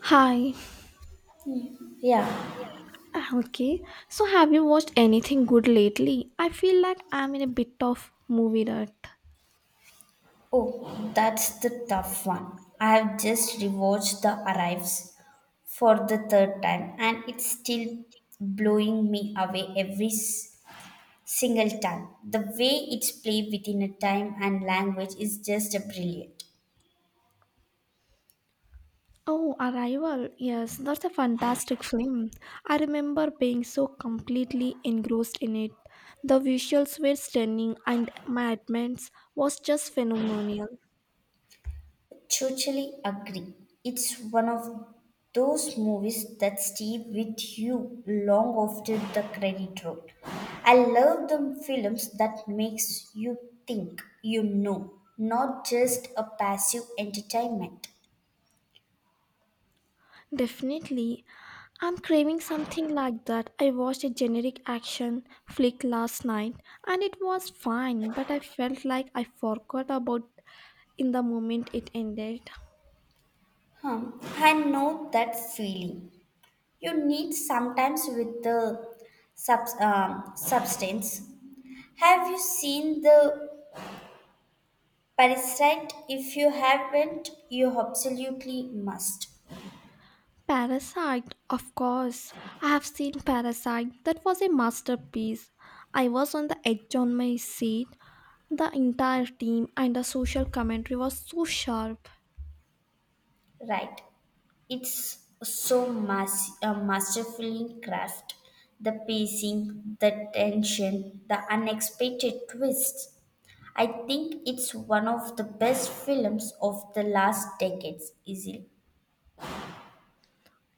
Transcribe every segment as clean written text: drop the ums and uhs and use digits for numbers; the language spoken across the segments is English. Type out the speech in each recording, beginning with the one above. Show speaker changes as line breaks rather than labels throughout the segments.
Hi.
Yeah.
Okay. So have you watched anything good lately? I feel like I'm in a bit of movie rut.
Oh, that's the tough one. I have just rewatched The Arrives for the third time and it's still blowing me away every s- single time. The way it's played within a time and language is just a brilliant.
Oh, Arrival. Yes, that's a fantastic film. I remember being so completely engrossed in it. The visuals were stunning and my admittance was just phenomenal.
Totally agree. It's one of those movies that stay with you long after the credit roll. I love the films that makes you think, you know, not just a passive entertainment.
Definitely. I'm craving something like that. I watched a generic action flick last night and it was fine, but I felt like I forgot about in the moment it ended.
Hmm, I know that feeling. You need sometimes with the substance. Have you seen the parasite? If you haven't, you absolutely must.
Parasite, of course. I have seen Parasite. That was a masterpiece. I was on the edge on my seat. The entire team and the social commentary was so sharp.
Right. It's so masterfully craft. The pacing, the tension, the unexpected twists. I think it's one of the best films of the last decades, easily.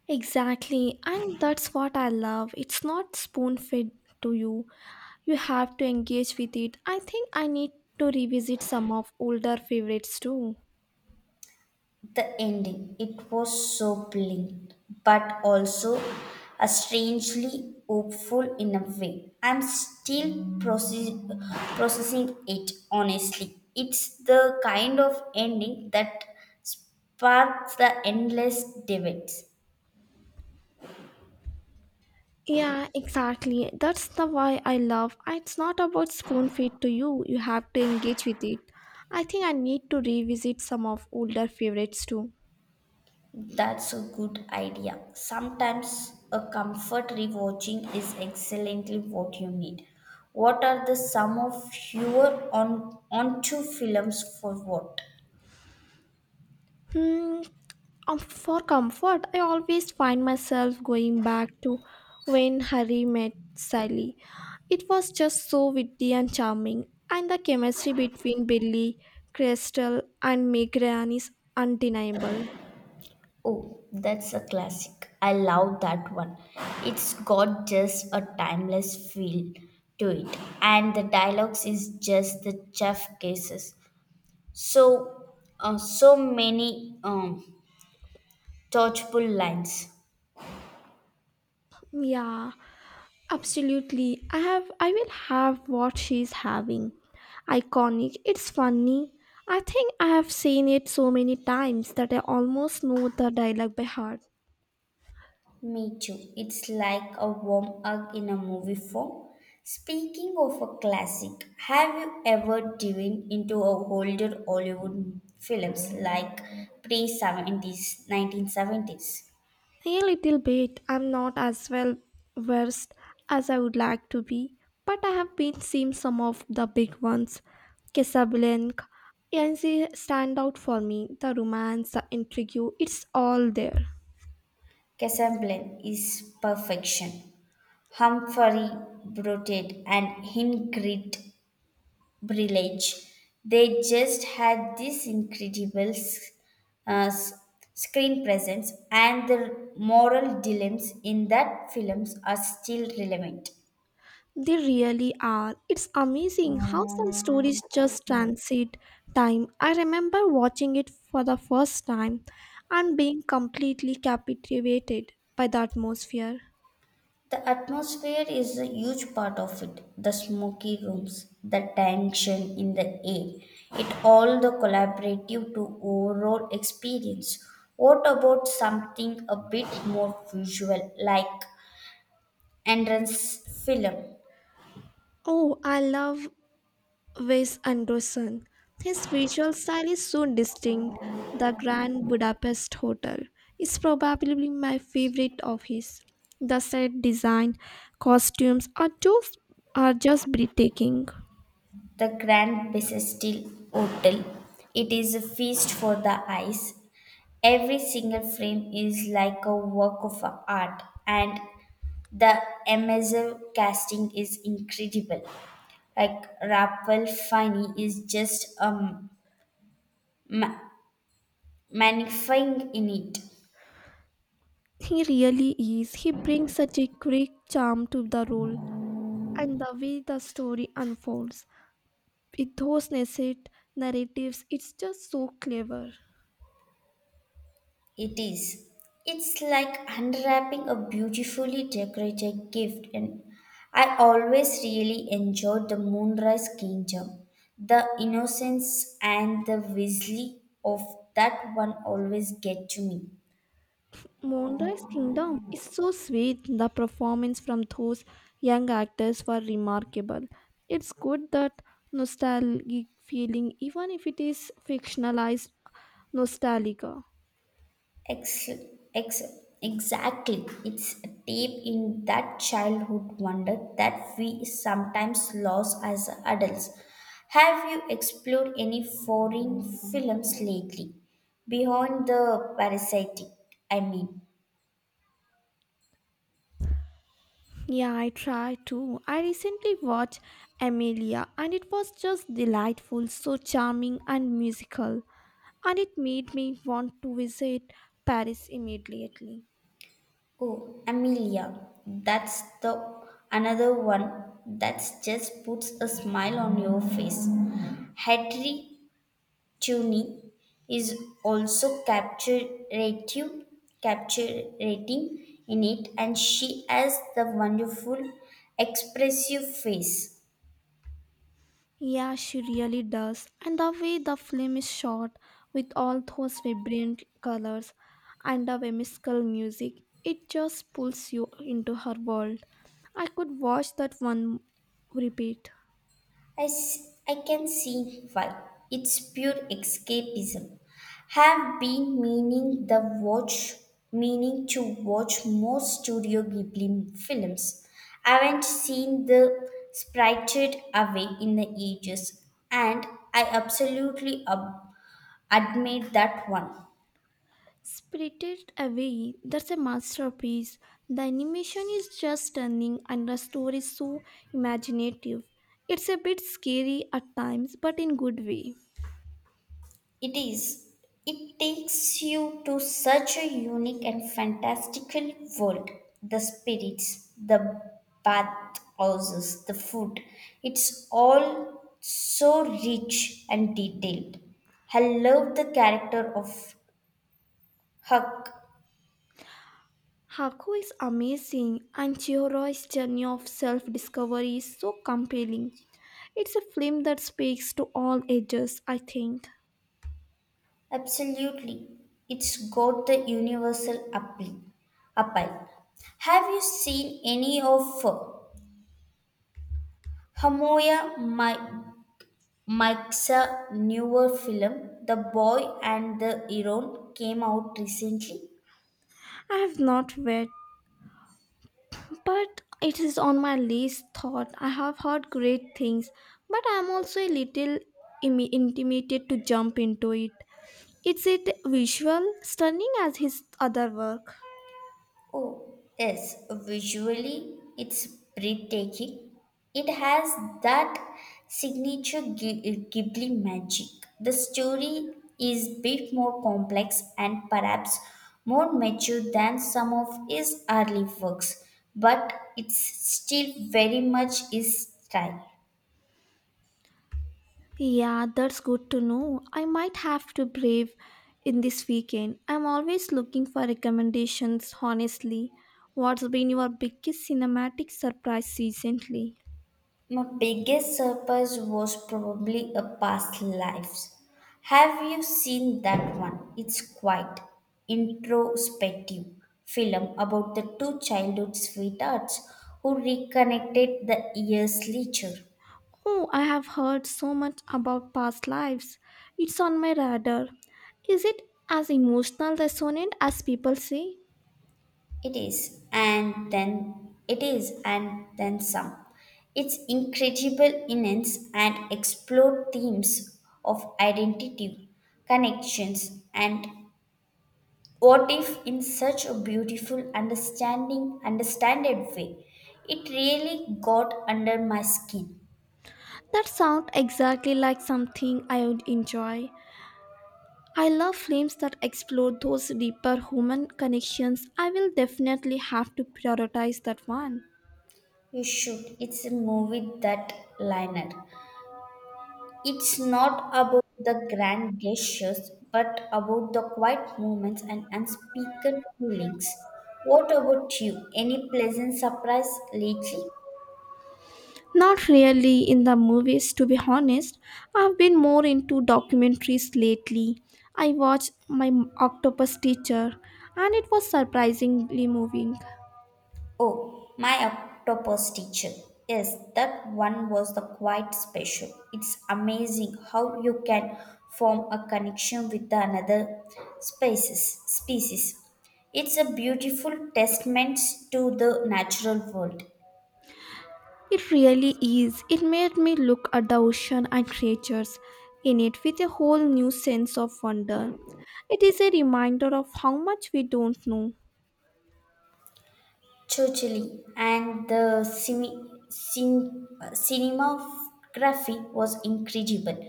Exactly, and that's what I love. It's not spoon fed to you. You have to engage with it. I think I need to revisit some of older favorites too.
The ending, it was so brilliant, but also a strangely hopeful in a way. I'm still processing it, honestly. It's the kind of ending that sparks the endless debates.
Yeah, exactly. That's the why I love. It's not about spoon feed to you. You have to engage with it. I think I need to revisit some of older favorites too.
That's a good idea. Sometimes a comfort rewatching is exactly what you need. What are the sum of your on onto films for what?
Hmm. For comfort, I always find myself going back to when Harry met Sally. It was just so witty and charming, and the chemistry between Billy, Crystal, and Megan is undeniable.
Oh, that's a classic. I love that one. It's got just a timeless feel to it, and the dialogues is just the chef cases. So many touchable lines.
Yeah, absolutely. I will have what she's having. Iconic. It's funny. I think I have seen it so many times that I almost know the dialogue by heart.
Me too. It's like a warm hug in a movie form. Speaking of a classic, have you ever dived into a older Hollywood films like pre 70s, 1970s?
A little bit. I'm not as well versed as I would like to be, but I have been seeing some of the big ones. Casablanca and they stand out for me. The romance, the intrigue, it's all there.
Casablanca is perfection. Humphrey brooded and Ingrid Brilage. They just had this incredible uh, s- screen presence, and the moral dilemmas in that films are still relevant.
They really are. It's amazing how some stories just transit time. I remember watching it for the first time and being completely captivated by the atmosphere.
The atmosphere is a huge part of it. The smoky rooms, the tension in the air, it all the collaborative to overall experience. What about something a bit more visual like entrance film,
Oh, I love Wes Anderson. His visual style is so distinct. The Grand Budapest Hotel is probably my favorite of his. The set design, costumes are just breathtaking.
The Grand Bassistil Hotel? It is a feast for the eyes. Every single frame is like a work of art, and the immersive casting is incredible. Like Raphael Fini is just ma- magnifying in it.
He really is. He brings such a great charm to the role and the way the story unfolds. With those nascent narratives, it's just so clever.
It is. It's like unwrapping a beautifully decorated gift, and I always really enjoyed the Moonrise Kingdom. The innocence and the whistling of that one always get to me.
Moonrise Kingdom is so sweet. The performance from those young actors were remarkable. It's good that nostalgic feeling, even if it is fictionalized nostalgia.
Ex- ex- exactly. It's deep in that childhood wonder that we sometimes lose as adults. Have you explored any foreign films lately? Beyond the parasitic, I mean.
Yeah, I try too. I recently watched Amelia and it was just delightful, so charming and musical. And it made me want to visit Paris immediately.
Oh, Amelia, that's the another one that's just puts a smile on your face. Hedry tuning is also captivating in it, and she has the wonderful expressive face.
Yeah, she really does. And the way the film is shot with all those vibrant colors and the whimsical music, it just pulls you into her world. I could watch that one repeat.
I can see why. It's pure escapism. Have been meaning to watch more Studio Ghibli films. Haven't seen the Sprited Away in the ages, and I absolutely admit that one.
Spirited Away, that's a masterpiece. The animation is just stunning and the story is so imaginative. It's a bit scary at times, but in good way.
It is, it takes you to such a unique and fantastical world. The spirits, the bathhouses, the food, it's all so rich and detailed. I love the character of Huck.
Haku is amazing and Chihiro's journey of self-discovery is so compelling. It's a film that speaks to all ages, I think.
Absolutely, it's got the universal appeal. Have you seen any of Hamoya my Mike's newer film, The Boy and the Heron, came out recently.
I have not read, but it is on my least thought. I have heard great things, but I am also a little intimidated to jump into it. Is it visual stunning as his other work?
Oh, yes, visually it's breathtaking. It has that signature Ghibli magic. The story is bit more complex and perhaps more mature than some of his early works, but it's still very much his style.
Yeah, that's good to know. I might have to brave in this weekend. I'm always looking for recommendations, honestly. What's been your biggest cinematic surprise recently?
My biggest surprise was probably a past lives. Have you seen that one? It's quite introspective film about the two childhood sweethearts who reconnected the years later.
Oh, I have heard so much about past lives. It's on my radar. Is it as emotional resonant as people say?
It is, and then it is, and then some. It's incredible innings and explore themes of identity, connections, and what if, in such a beautiful, understanded way, it really got under my skin?
That sounds exactly like something I would enjoy. I love films that explore those deeper human connections. I will definitely have to prioritize that one.
You should. It's a movie that liner. It's not about the grand gestures, but about the quiet moments and unspoken feelings. What about you? Any pleasant surprise lately?
Not really in the movies, to be honest. I've been more into documentaries lately. I watched My Octopus Teacher, and it was surprisingly moving.
Oh, my octopus teacher. Yes, that one was the quite special. It's amazing how you can form a connection with another species. It's a beautiful testament to the natural world.
It really is. It made me look at the ocean and creatures in it with a whole new sense of wonder. It is a reminder of how much we don't know.
Totally. And the cinematography was incredible.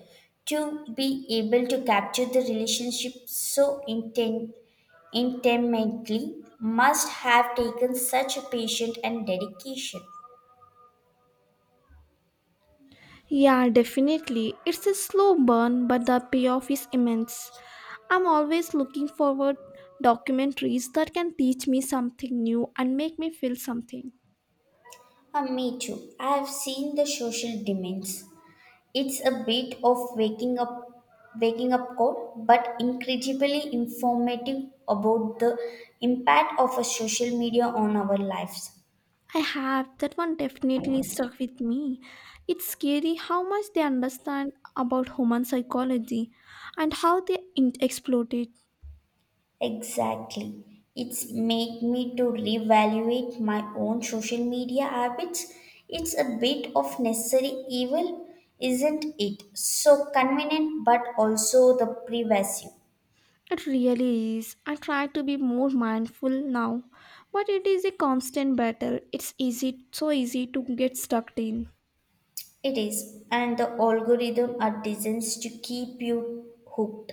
To be able to capture the relationship so intimately must have taken such a patience and dedication.
Yeah, definitely. It's a slow burn, but the payoff is immense. I'm always looking forward documentaries that can teach me something new and make me feel something.
Ah, me too. I have seen the social demands. It's a bit of waking up call, but incredibly informative about the impact of a social media on our lives.
I have. That one definitely stuck with me. It's scary how much they understand about human psychology and how they exploit it.
Exactly. It's made me to reevaluate my own social media habits. It's a bit of necessary evil, isn't it? So convenient but also the pervasive.
It really is. I try to be more mindful now, but it is a constant battle. It's easy, so easy to get stuck in.
It is, and the algorithm are designed to keep you hooked.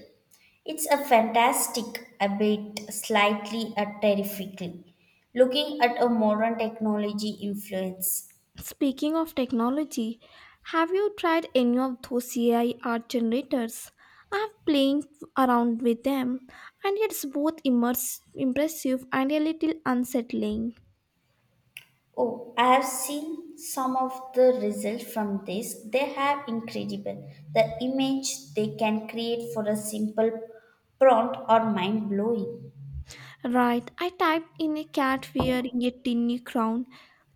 It's a fantastic, a bit slightly a terrifically, looking at a modern technology influence.
Speaking of technology, have you tried any of those AI art generators? I've playing around with them, and it's both impressive and a little unsettling.
Oh, I have seen some of the results from this. They have incredible. The image they can create for a simple prompt are mind blowing.
Right, I typed in a cat wearing a tiny crown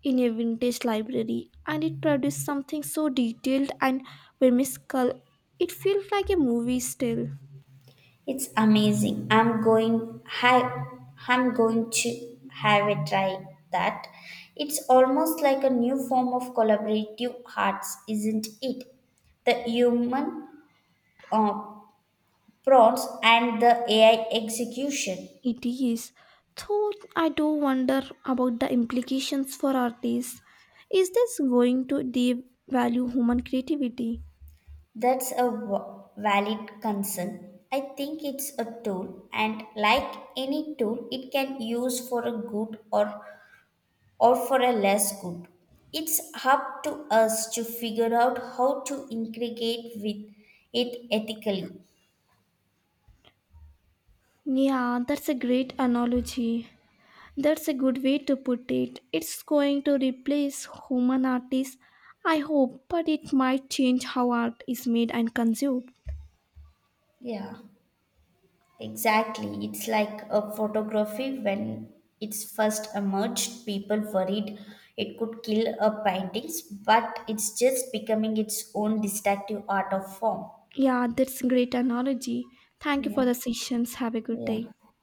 in a vintage library, and it produced something so detailed and whimsical. It feels like a movie still.
It's amazing. I'm going to have a try that. It's almost like a new form of collaborative arts, isn't it? The human uh, prompts and the AI execution.
It is, though I do wonder about the implications for artists. Is this going to devalue human creativity?
That's a valid concern. I think it's a tool, and like any tool, it can use for a good or for a less good. It's up to us to figure out how to integrate with it ethically.
Yeah, that's a great analogy. That's a good way to put it. It's going to replace human artists, I hope, but it might change how art is made and consumed.
Yeah, exactly. It's like a photography when it's first emerged, people worried it could kill a paintings, but it's just becoming its own distinctive art of form.
Yeah, that's a great analogy. Thank you for
Yeah,
the sessions. Have a good day.
yeah.